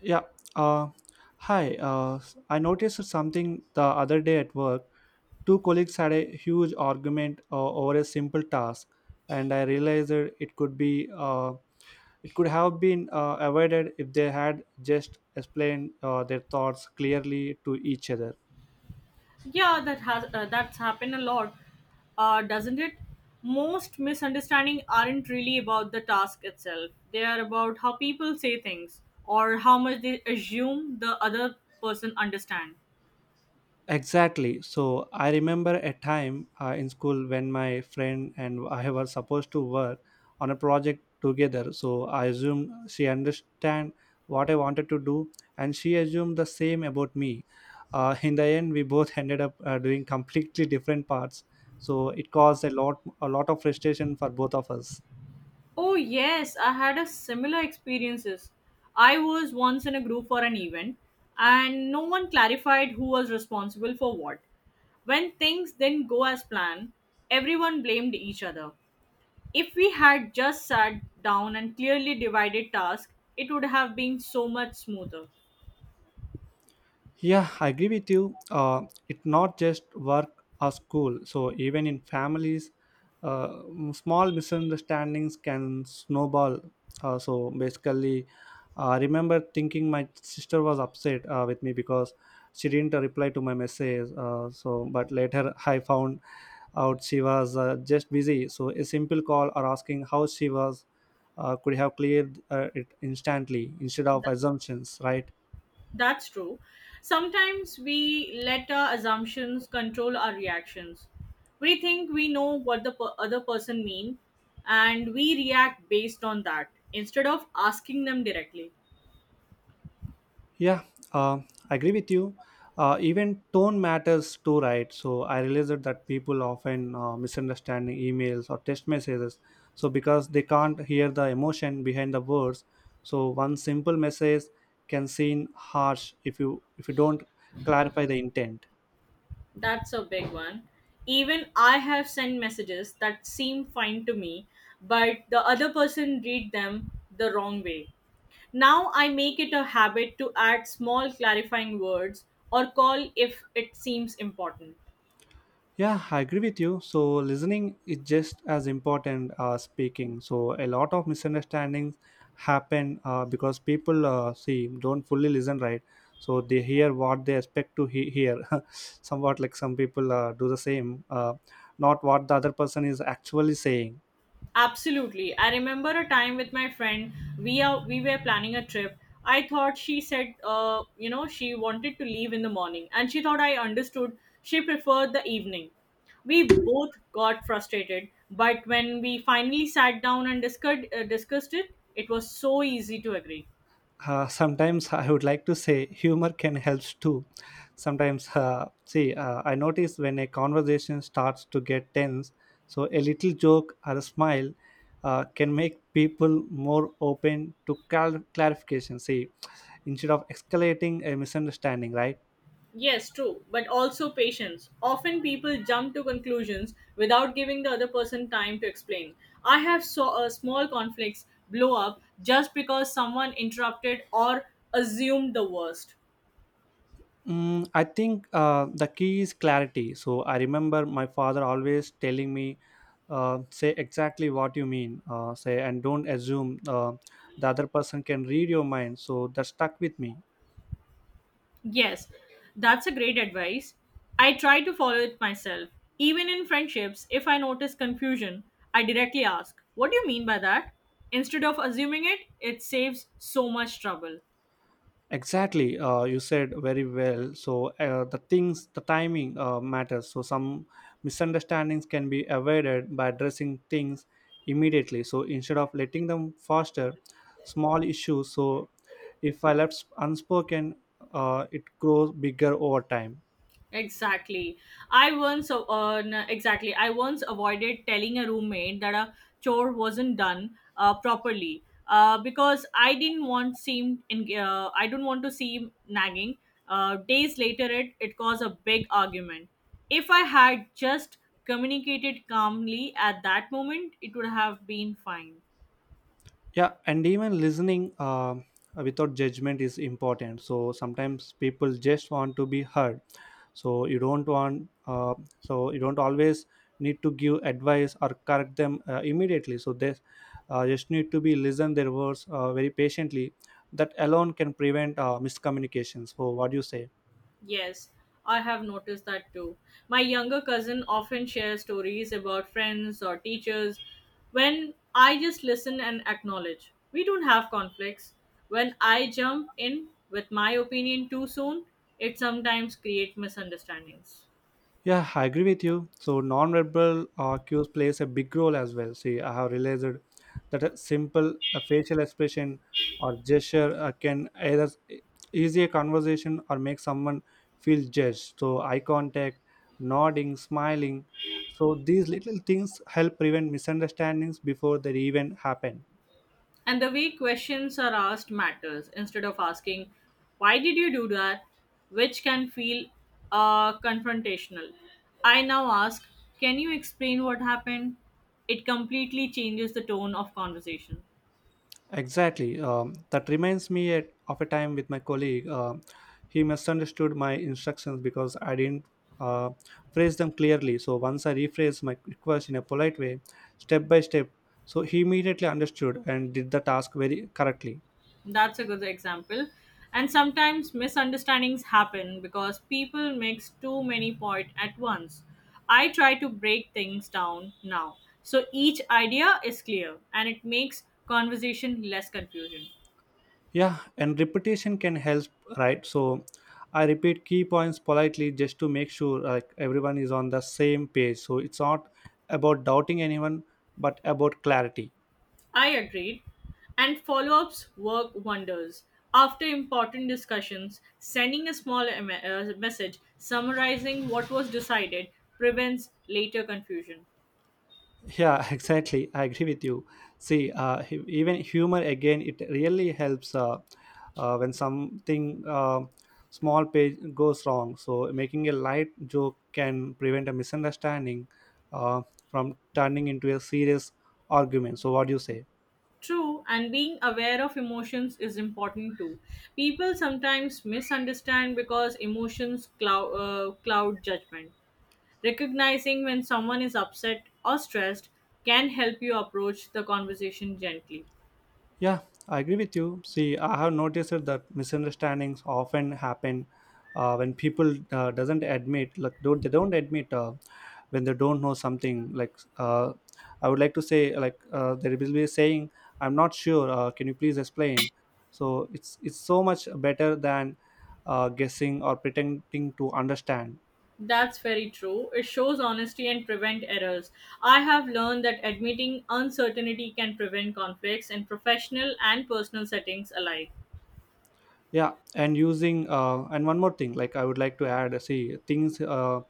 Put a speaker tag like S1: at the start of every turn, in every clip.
S1: Yeah. Uh, hi. I noticed something the other day at work. Two colleagues had a huge argument over a simple task, and I realized that it could have been avoided if they had just explained their thoughts clearly to each other.
S2: Yeah, that's happened a lot, doesn't it? Most misunderstanding aren't really about the task itself. They are about how people say things or how much they assume the other person understand.
S1: Exactly. So I remember a time in school when my friend and I were supposed to work on a project together. So I assumed she understand what I wanted to do, and she assumed the same about me. In the end, we both ended up doing completely different parts. So it caused a lot of frustration for both of us.
S2: Oh yes, I had a similar experiences. I was once in a group for an event, and no one clarified who was responsible for what. When things didn't go as planned, everyone blamed each other. If we had just sat down and clearly divided tasks, it would have been so much smoother.
S1: Yeah, I agree with you. It's not just work or school. So even in families, small misunderstandings can snowball. So basically, I remember thinking my sister was upset with me because she didn't reply to my message. But later I found out she was just busy. So a simple call or asking how she was could have cleared it instantly instead of
S2: Th-
S1: assumptions, right?
S2: that's true. Sometimes we let our assumptions control our reactions. We think we know what the other person means, and we react based on that instead of asking them directly.
S1: Yeah, uh, I agree with you. Even tone matters too, right? So I realized that people often misunderstand emails or text messages. So because they can't hear the emotion behind the words, so one simple message can seem harsh if you don't clarify the intent.
S2: That's a big one. Even I have sent messages that seem fine to me, but the other person read them the wrong way. Now I make it a habit to add small clarifying words or call if it seems important.
S1: Yeah, I agree with you. So listening is just as important as speaking. So a lot of misunderstandings happen because people see don't fully listen, right. So they hear what they expect to hear. Somewhat like some people do the same, not what the other person is actually saying.
S2: Absolutely. I remember a time with my friend. We were planning a trip. I thought she said, she wanted to leave in the morning, and she thought I understood. She preferred the evening. We both got frustrated, but when we finally sat down and discussed it, it was so easy to agree.
S1: Sometimes I would like to say humor can help too. Sometimes, I notice when a conversation starts to get tense, so a little joke or a smile can make people more open to clarification. See, instead of escalating a misunderstanding, right?
S2: Yes, true, but also patience. Often people jump to conclusions without giving the other person time to explain. I have saw a small conflicts blow up just because someone interrupted or assumed the worst.
S1: I think the key is clarity. So I remember my father always telling me, say exactly what you mean, and don't assume the other person can read your mind. So that stuck with me.
S2: Yes, that's a great advice. I try to follow it myself. Even in friendships, if I notice confusion, I directly ask, what do you mean by that? Instead of assuming it, it saves so much trouble.
S1: Exactly. You said very well. So the timing matters. So some misunderstandings can be avoided by addressing things immediately, so instead of letting them foster small issues. So if I left unspoken, it grows bigger over time.
S2: Exactly. I once avoided telling a roommate that a chore wasn't done properly because I don't want to seem nagging. Days later, it caused a big argument. If I had just communicated calmly at that moment, it would have been fine.
S1: Yeah, and even listening without judgment is important. So sometimes people just want to be heard. So you don't want uh, so you don't always need to give advice or correct them immediately. So they just need to be listen their words very patiently. That alone can prevent miscommunication. So what do you say?
S2: Yes, I have noticed that too. My younger cousin often shares stories about friends or teachers when I just listen and acknowledge. We don't have conflicts. When I jump in with my opinion too soon, it sometimes creates misunderstandings.
S1: Yeah, I agree with you. So non-verbal cues plays a big role as well. See, I have realized that a simple facial expression or gesture can either ease a conversation or make someone feel judged. So eye contact, nodding, smiling. So these little things help prevent misunderstandings before they even happen.
S2: And the way questions are asked matters. Instead of asking, why did you do that? Which can feel confrontational. I now ask, can you explain what happened? It completely changes the tone of conversation.
S1: Exactly. That reminds me of a time with my colleague. He misunderstood my instructions because I didn't uh, phrase them clearly. So once I rephrased my request in a polite way, step by step, so he immediately understood and did the task very correctly.
S2: That's a good example. And sometimes misunderstandings happen because people mix too many points at once. I try to break things down now. So each idea is clear and it makes conversation less confusing.
S1: Yeah, and repetition can help, right? So I repeat key points politely just to make sure like everyone is on the same page. So it's not about doubting anyone, but about clarity.
S2: I agreed. And follow ups work wonders. After important discussions, sending a small message summarizing what was decided prevents later confusion.
S1: Yeah, exactly, I agree with you. See, even humor again, it really helps. When something small page goes wrong, so making a light joke can prevent a misunderstanding uh, from turning into a serious argument. So what do you say?
S2: True, and being aware of emotions is important too. People sometimes misunderstand because emotions cloud judgment. Recognizing when someone is upset or stressed can help you approach the conversation gently.
S1: Yeah, I agree with you. See, I have noticed that misunderstandings often happen when people doesn't admit, like don't admit when they don't know something. Like, I would like to say, like, there will be a saying, "I'm not sure. Can you please explain?" So it's so much better than guessing or pretending to understand.
S2: That's very true. It shows honesty and prevent errors. I have learned that admitting uncertainty can prevent conflicts in professional and personal settings alike.
S1: Yeah, and one more thing, like, I would like to add, see things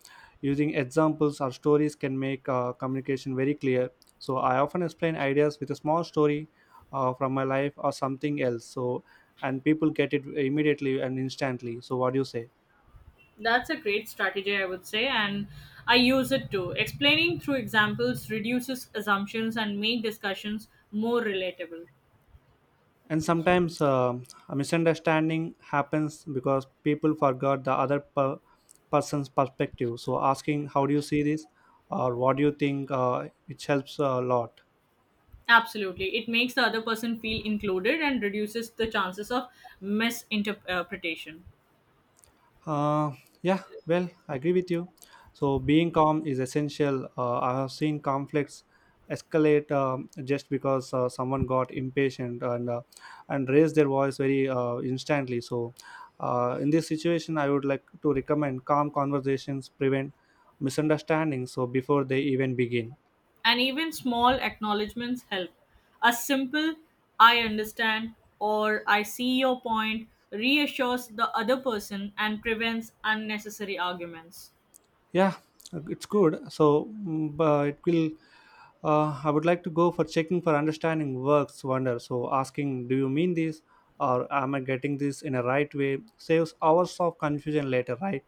S1: using examples or stories can make communication very clear. So I often explain ideas with a small story from my life or something else. So and people get it immediately and instantly. So what do you say?
S2: That's a great strategy, I would say, and I use it too. Explaining through examples reduces assumptions and make discussions more relatable.
S1: And sometimes a misunderstanding happens because people forgot the other person's perspective. So asking, how do you see this, or what do you think, which helps a lot.
S2: Absolutely. It makes the other person feel included and reduces the chances of misinterpretation.
S1: Uh, yeah, well, I agree with you. So being calm is essential. I have seen conflicts escalate just because someone got impatient and raised their voice very instantly. So in this situation, I would like to recommend calm conversations prevent misunderstandings. So before they even begin.
S2: And even small acknowledgments help. A simple I understand or I see your point reassures the other person and prevents unnecessary arguments.
S1: Yeah, it's good. So, but it will. I would like to go for checking for understanding works wonder. So, asking, do you mean this, or am I getting this in a right way, saves hours of confusion later, right?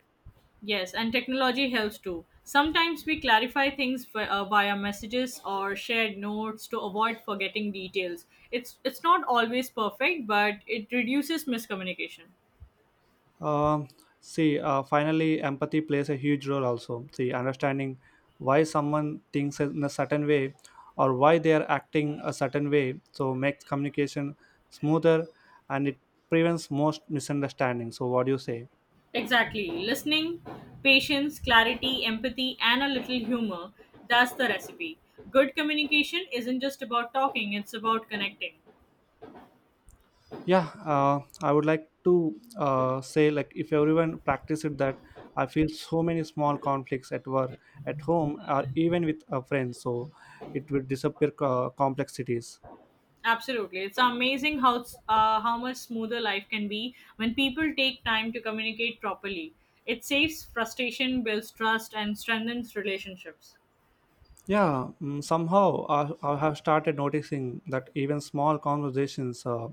S2: Yes, and technology helps too. Sometimes we clarify things via messages or shared notes to avoid forgetting details. It's not always perfect, but it reduces miscommunication.
S1: Um, Finally, empathy plays a huge role also. See, understanding why someone thinks in a certain way or why they are acting a certain way so makes communication smoother and it prevents most misunderstandings. So, what do you say?
S2: Exactly. Listening, patience, clarity, empathy, and a little humor, that's the recipe. Good communication isn't just about talking, it's about connecting.
S1: Yeah, I would like to say, like, if everyone practice it, that I feel so many small conflicts at work, at home, or even with a friend, so it will disappear complexities.
S2: Absolutely. It's amazing how much smoother life can be when people take time to communicate properly. It saves frustration, builds trust, and strengthens relationships.
S1: Yeah, somehow I have started noticing that even small conversations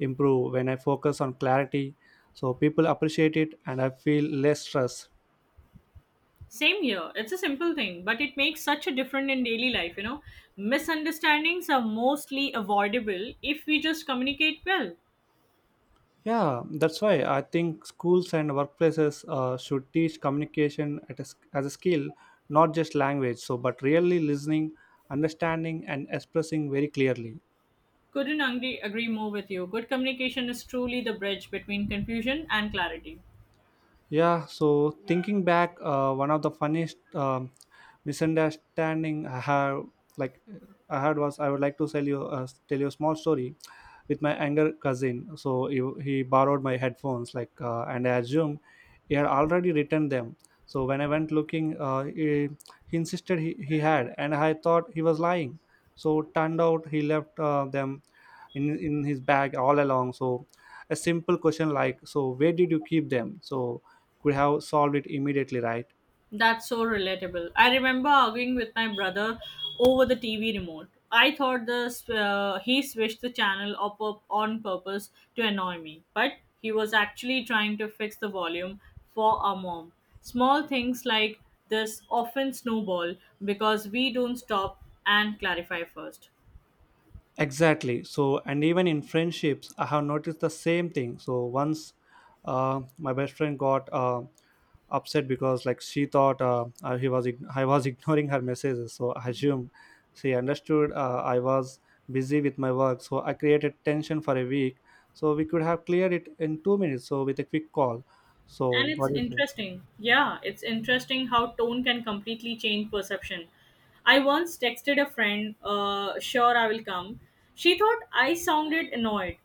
S1: improve when I focus on clarity. So people appreciate it, and I feel less stress.
S2: Same here. It's a simple thing, but it makes such a difference in daily life. Misunderstandings are mostly avoidable if we just communicate well.
S1: Yeah, that's why I think schools and workplaces should teach communication as a skill, not just language. So, but really listening, understanding, and expressing very clearly.
S2: Couldn't agree more with you. Good communication is truly the bridge between confusion and clarity.
S1: Yeah, so thinking back, one of the funniest misunderstanding I have, like I had was, I would like to tell you a small story with my younger cousin. So he borrowed my headphones, like, and I assumed he had already written them. So when I went looking, he insisted he had, and I thought he was lying. So turned out he left them in his bag all along. So a simple question like, so where did you keep them? So could have solved it immediately, right?
S2: That's so relatable. I remember arguing with my brother over the TV remote. I thought the he switched the channel up on purpose to annoy me, but he was actually trying to fix the volume for our mom. Small things like this often snowball because we don't stop and clarify first.
S1: Exactly, so and even in friendships, I have noticed the same thing. So once, my best friend got upset because, like, she thought I was ignoring her messages. So I assumed she understood, I was busy with my work, so I created tension for a week. So we could have cleared it in 2 minutes, so with a quick call. So
S2: And
S1: what
S2: it's
S1: do you say?
S2: interesting. Yeah, it's interesting how tone can completely change perception. I once texted a friend, sure I will come. She thought I sounded annoyed,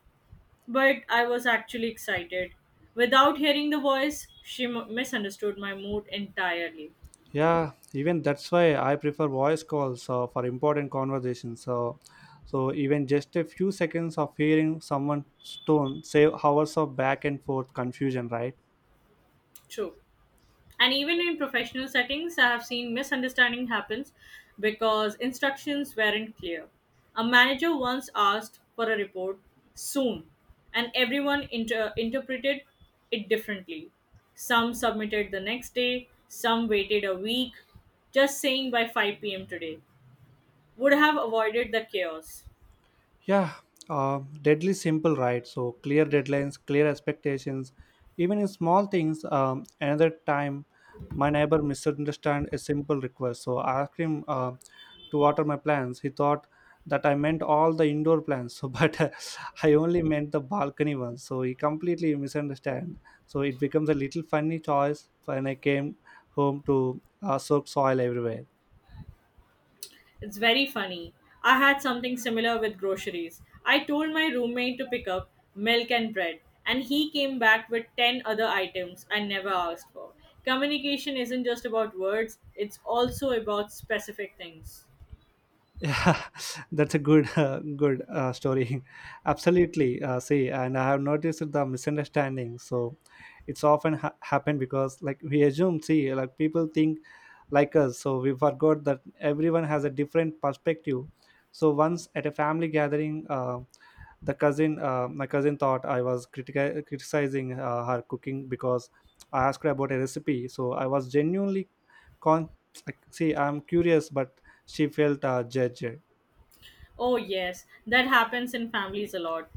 S2: but I was actually excited. Without hearing the voice, she misunderstood my mood entirely.
S1: Yeah, even that's why I prefer voice calls for important conversations. So even just a few seconds of hearing someone's tone save hours of back and forth confusion, right?
S2: True. And even in professional settings, I have seen misunderstanding happens because instructions weren't clear. A manager once asked for a report soon, and everyone interpreted it differently. Some submitted the next day, some waited a week. Just saying by 5 p.m. today would have avoided the chaos.
S1: Yeah, deadly simple, right? So clear deadlines, clear expectations, even in small things. Another time, my neighbor misunderstood a simple request, so I asked him to water my plants. He thought that I meant all the indoor plants, so but I only meant the balcony ones. So he completely misunderstand. So it becomes a little funny choice when I came home to soak soil everywhere.
S2: It's very funny. I had something similar with groceries. I told my roommate to pick up milk and bread, and he came back with 10 other items I never asked for. Communication isn't just about words, it's also about specific things.
S1: Yeah, that's a good good story. Absolutely. And I have noticed the misunderstanding. So it's often happened because, like, we assume, see, like people think like us. So we forgot that everyone has a different perspective. So once at a family gathering, my cousin thought I was criticizing her cooking because I asked her about a recipe. So I was genuinely con. Like, see, I'm curious, but she felt judged.
S2: Oh, yes, that happens in families a lot.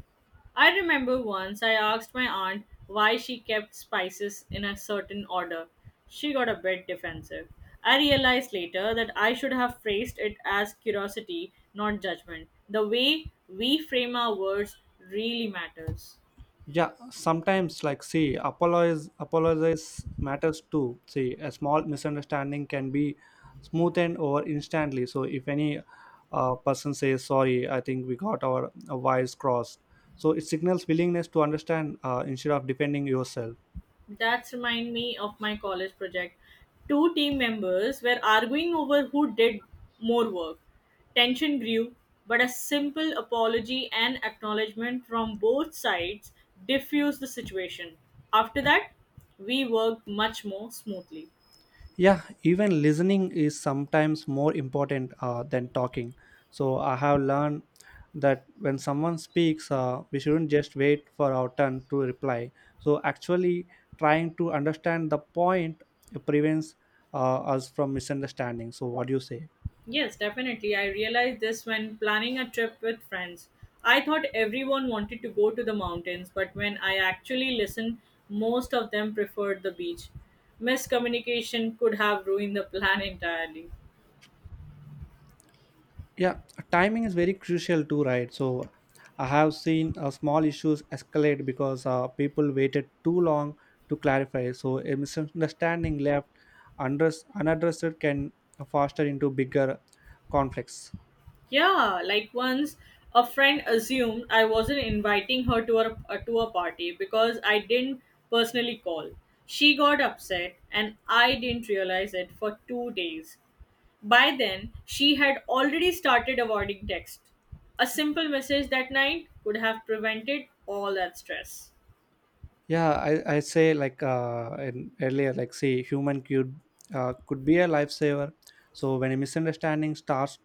S2: I remember once I asked my aunt why she kept spices in a certain order. She got a bit defensive. I realized later that I should have phrased it as curiosity, not judgment. The way we frame our words really matters.
S1: Yeah, sometimes, like, see, apologize matters too. See, a small misunderstanding can be smoothened over instantly. So if any person says sorry, I think we got our wires crossed. So it signals willingness to understand instead of defending yourself.
S2: That's remind me of my college project. Two team members were arguing over who did more work. Tension grew, but a simple apology and acknowledgement from both sides diffused the situation. After that, we worked much more smoothly.
S1: Yeah, even listening is sometimes more important than talking. So I have learned that when someone speaks, we shouldn't just wait for our turn to reply. So actually trying to understand the point prevents us from misunderstanding. So what do you say?
S2: Yes, definitely. I realized this when planning a trip with friends. I thought everyone wanted to go to the mountains, but when I actually listened, most of them preferred the beach. Miscommunication could have ruined the plan entirely.
S1: Yeah, timing is very crucial too, right? So I have seen small issues escalate because people waited too long to clarify. So a misunderstanding left unaddressed can foster into bigger conflicts.
S2: Yeah, like once a friend assumed I wasn't inviting her to a party because I didn't personally call. She got upset and I didn't realize it for 2 days. By then, she had already started avoiding text. A simple message that night could have prevented all that stress.
S1: Yeah, I say like in earlier, like say human could be a lifesaver. So when a misunderstanding starts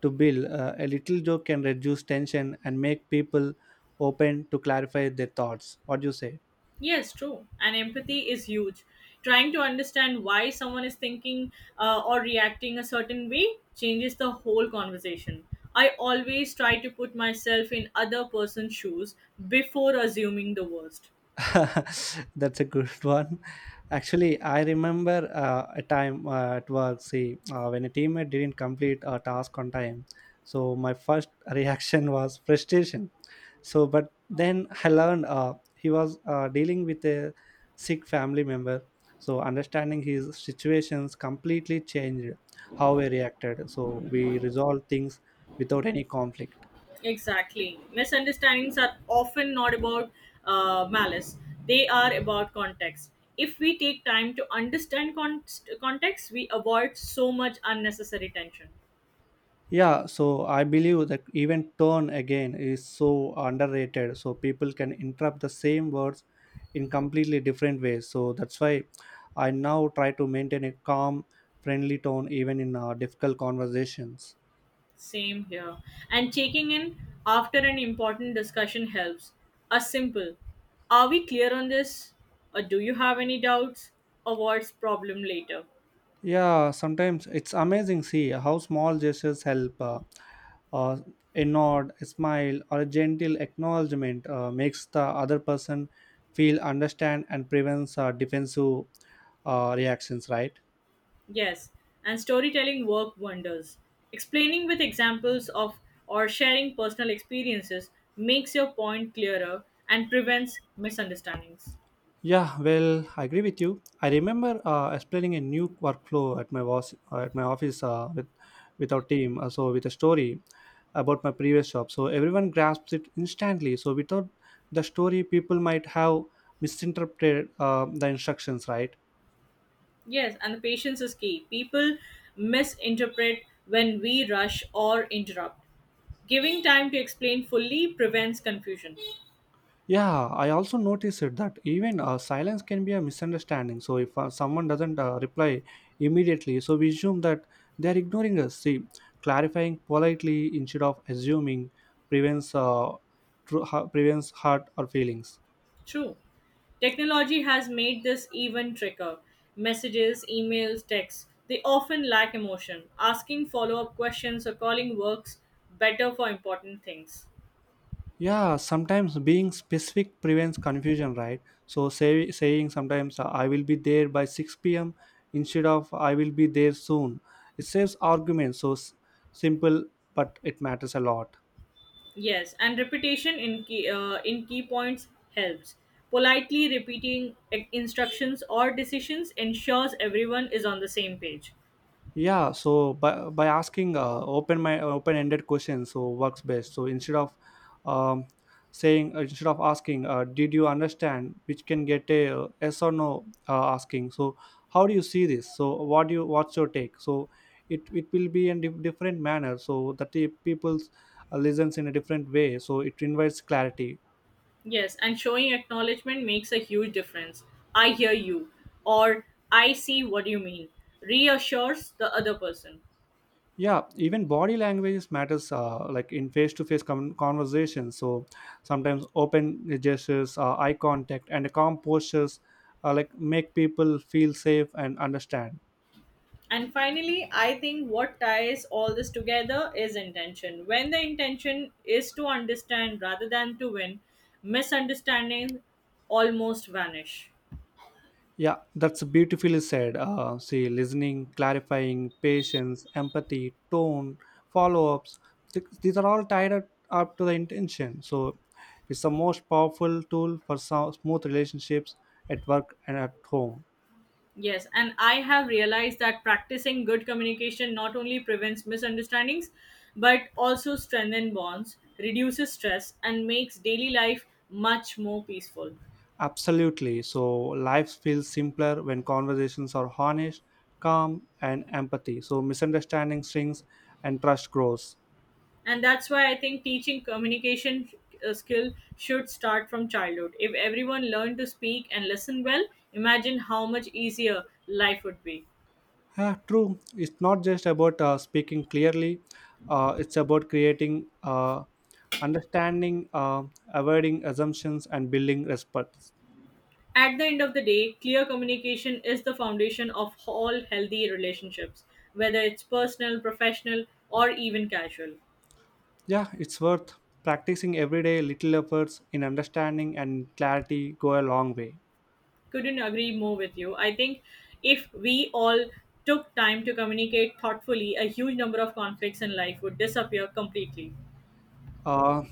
S1: to build, a little joke can reduce tension and make people open to clarify their thoughts. What do you say?
S2: Yes, true. And empathy is huge. Trying to understand why someone is thinking or reacting a certain way changes the whole conversation. I always try to put myself in other person's shoes before assuming the worst.
S1: That's a good one. Actually, I remember a time at work, see, when a teammate didn't complete a task on time. So my first reaction was frustration. So, but then I learned he was dealing with a sick family member. So understanding his situations completely changed how we reacted. So we resolved things without any conflict.
S2: Exactly. Misunderstandings are often not about malice, they are about context. If we take time to understand context, we avoid so much unnecessary tension.
S1: Yeah, so I believe that even tone again is so underrated. So people can interpret the same words in completely different ways. So that's why I now try to maintain a calm, friendly tone even in difficult conversations.
S2: Same here. And checking in after an important discussion helps. A simple, are we clear on this? Or do you have any doubts? Avoids problem later.
S1: Yeah, sometimes it's amazing see how small gestures help. Uh, a nod, a smile, or a gentle acknowledgement makes the other person feel understand and prevents defensive reactions, right?
S2: Yes, and storytelling work wonders. Explaining with examples of or sharing personal experiences makes your point clearer and prevents misunderstandings.
S1: Yeah, well, I agree with you. I remember explaining a new workflow at my boss, at my office with our team. So with a story about my previous job, so everyone grasps it instantly. So without the story, people might have misinterpreted the instructions, right?
S2: Yes, and the patience is key. People misinterpret when we rush or interrupt. Giving time to explain fully prevents confusion.
S1: Yeah, I also noticed it that even silence can be a misunderstanding. So if someone doesn't reply immediately, so we assume that they are ignoring us. See, clarifying politely instead of assuming prevents uh, prevents hurt or feelings.
S2: True. Technology has made this even trickier. Messages, emails, texts, they often lack emotion. Asking follow up questions or calling works better for important things.
S1: Yeah, sometimes being specific prevents confusion, right? So saying sometimes I will be there by 6 p.m. instead of I will be there soon. It saves arguments. So simple, but it matters a lot.
S2: Yes, and repetition in key points helps. Politely repeating instructions or decisions ensures everyone is on the same page.
S1: Yeah, so by asking open-ended questions so works best, so um, instead of asking did you understand, which can get a yes or no. Asking so how do you see this, so what's your take, so it will be in different manner, so that the people's listens in a different way, so it invites clarity.
S2: Yes, and showing acknowledgement makes a huge difference. I hear you, or I see what you mean, reassures the other person.
S1: Yeah, even body language matters, like in face-to-face conversations. So sometimes open gestures, eye contact, and calm postures, like, make people feel safe and understand.
S2: And finally, I think what ties all this together is intention. When the intention is to understand rather than to win, misunderstandings almost vanish.
S1: Yeah, that's beautifully said. See, listening, clarifying, patience, empathy, tone, follow-ups, these are all tied up to the intention, so it's the most powerful tool for smooth relationships at work and at home.
S2: Yes, and I have realized that practicing good communication not only prevents misunderstandings but also strengthens bonds, reduces stress, and makes daily life much more peaceful.
S1: Absolutely. So life feels simpler when conversations are honest, calm, and empathy. So misunderstanding shrinks and trust grows.
S2: And that's why I think teaching communication skill should start from childhood. If everyone learned to speak and listen well, imagine how much easier life would be.
S1: Yeah, true. It's not just about speaking clearly. It's about creating understanding, avoiding assumptions, and building respect.
S2: At the end of the day, clear communication is the foundation of all healthy relationships, whether it's personal, professional, or even casual.
S1: Yeah, it's worth practicing every day. Little efforts in understanding and clarity go a long way.
S2: Couldn't agree more with you. I think if we all took time to communicate thoughtfully, a huge number of conflicts in life would disappear completely.
S1: uh,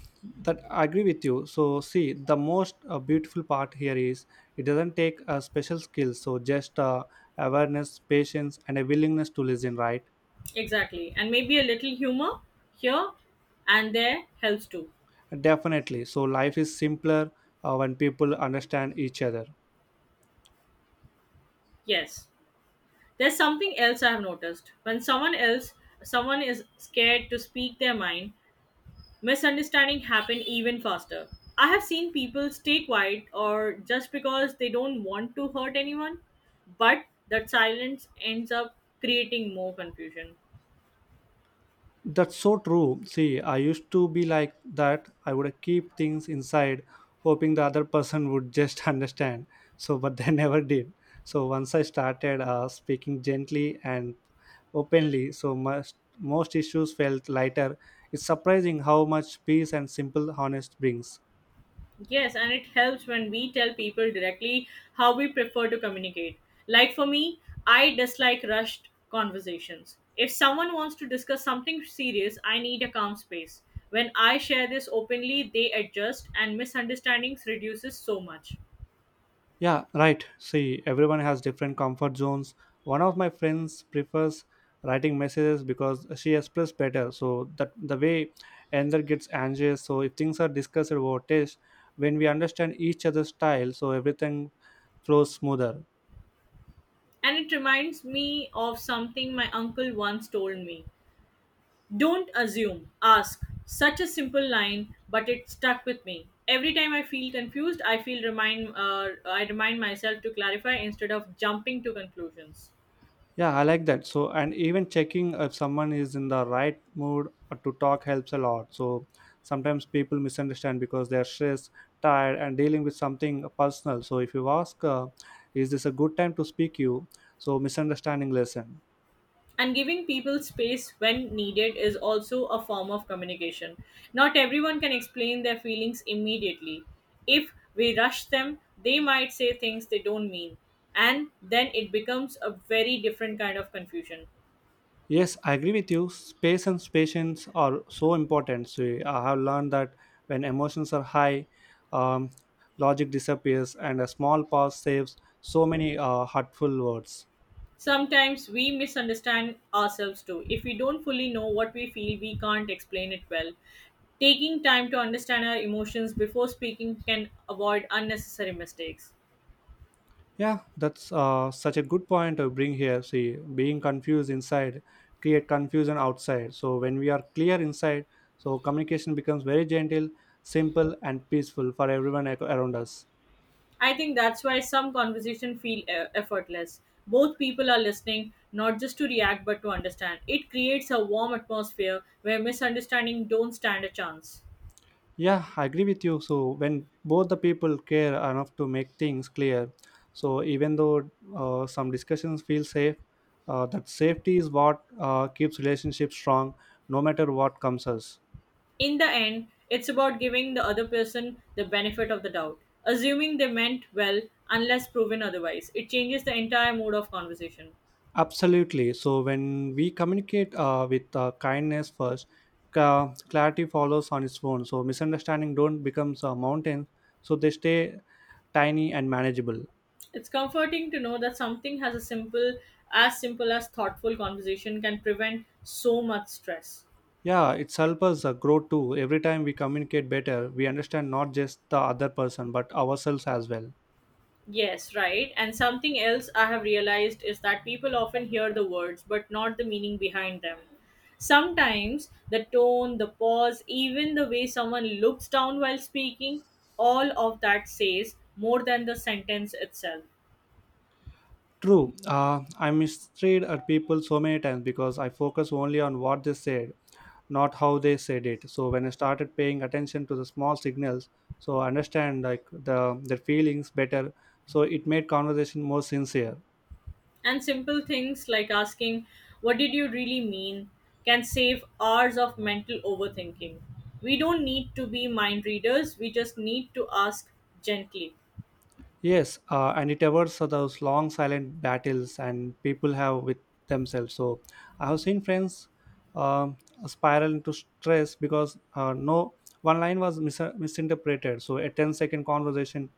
S1: that I agree with you. So see, the most beautiful part here is, it doesn't take a special skill, so just awareness, patience, and a willingness to listen, right?
S2: Exactly. And maybe a little humor here and there helps too.
S1: Definitely, so life is simpler when people understand each other.
S2: Yes. There's something else I have noticed. When someone is scared to speak their mind, misunderstanding happen even faster. I have seen people stay quiet or just because they don't want to hurt anyone, but that silence ends up creating more confusion.
S1: That's so true. See, I used to be like that. I would keep things inside, hoping the other person would just understand. So, but they never did. So, once I started speaking gently and openly, so most issues felt lighter. It's surprising how much peace and simple honest brings.
S2: Yes, and it helps when we tell people directly how we prefer to communicate. Like for me, I dislike rushed conversations. If someone wants to discuss something serious, I need a calm space. When I share this openly, they adjust and misunderstandings reduces so much.
S1: Yeah, right. See, everyone has different comfort zones. One of my friends prefers writing messages because she expresses better. So that the way another gets anxious. So if things are discussed about taste, when we understand each other's style, so everything flows smoother.
S2: And it reminds me of something my uncle once told me. Don't assume, ask. Such a simple line, but it stuck with me. Every time I feel confused, I remind myself to clarify instead of jumping to conclusions.
S1: Yeah, I like that. So, and even checking if someone is in the right mood to talk helps a lot. So, sometimes people misunderstand because they're stressed, tired, and dealing with something personal. So, if you ask, is this a good time to speak you? So, misunderstanding lesson.
S2: And giving people space when needed is also a form of communication. Not everyone can explain their feelings immediately. If we rush them, they might say things they don't mean, and then it becomes a very different kind of confusion.
S1: Yes, I agree with you. Space and patience are so important. So, I have learned that when emotions are high, um, logic disappears, and a small pause saves so many hurtful words.
S2: Sometimes we misunderstand ourselves too. If we don't fully know what we feel, we can't explain it well. Taking time to understand our emotions before speaking can avoid unnecessary mistakes.
S1: Yeah, that's such a good point to bring here. See, being confused inside create confusion outside. So when we are clear inside, so communication becomes very gentle, simple, and peaceful for everyone around us.
S2: I think that's why some conversation feel effortless. Both people are listening not just to react but to understand. It creates a warm atmosphere where misunderstanding don't stand a chance.
S1: Yeah, I agree with you. So when both the people care enough to make things clear, so even though some discussions feel safe, that safety is what keeps relationships strong, no matter what comes us.
S2: In the end, it's about giving the other person the benefit of the doubt, assuming they meant well unless proven otherwise. It changes the entire mood of conversation.
S1: Absolutely. So when we communicate with kindness first, clarity follows on its own. So misunderstanding don't becomes a mountain, so they stay tiny and manageable.
S2: It's comforting to know that something as simple as thoughtful conversation can prevent so much stress.
S1: Yeah, it's help us grow too. Every time we communicate better, we understand not just the other person but ourselves as well.
S2: Yes, right. And something else I have realized is that people often hear the words but not the meaning behind them. Sometimes the tone, the pause, even the way someone looks down while speaking, all of that says more than the sentence itself.
S1: True. I mistreat people so many times because I focus only on what they said, not how they said it. So when I started paying attention to the small signals, so I understand like their feelings better, so it made conversation more sincere.
S2: And simple things like asking, what did you really mean? Can save hours of mental overthinking. We don't need to be mind readers, we just need to ask gently.
S1: Yes, and it avoids those long silent battles and people have with themselves. So I have seen friends um spiral into stress because no one line was misinterpreted, so a 10 second conversation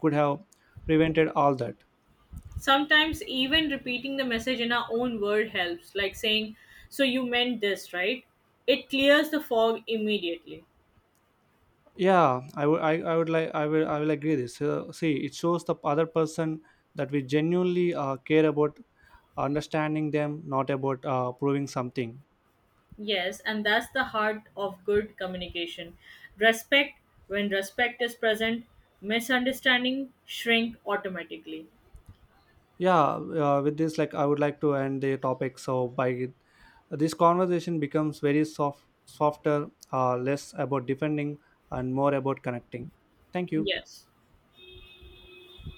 S1: could have prevented all that.
S2: Sometimes even repeating the message in our own word helps, like saying, so you meant this, right? It clears the fog immediately.
S1: Yeah, I would like I will agree this. So, see, it shows the other person that we genuinely care about understanding them, not about proving something.
S2: Yes, and that's the heart of good communication. Respect, when respect is present, misunderstanding shrink automatically.
S1: Yeah, with this, like, I would like to end the topic. So by this conversation becomes very softer, less about defending and more about connecting. Thank you.
S2: Yes.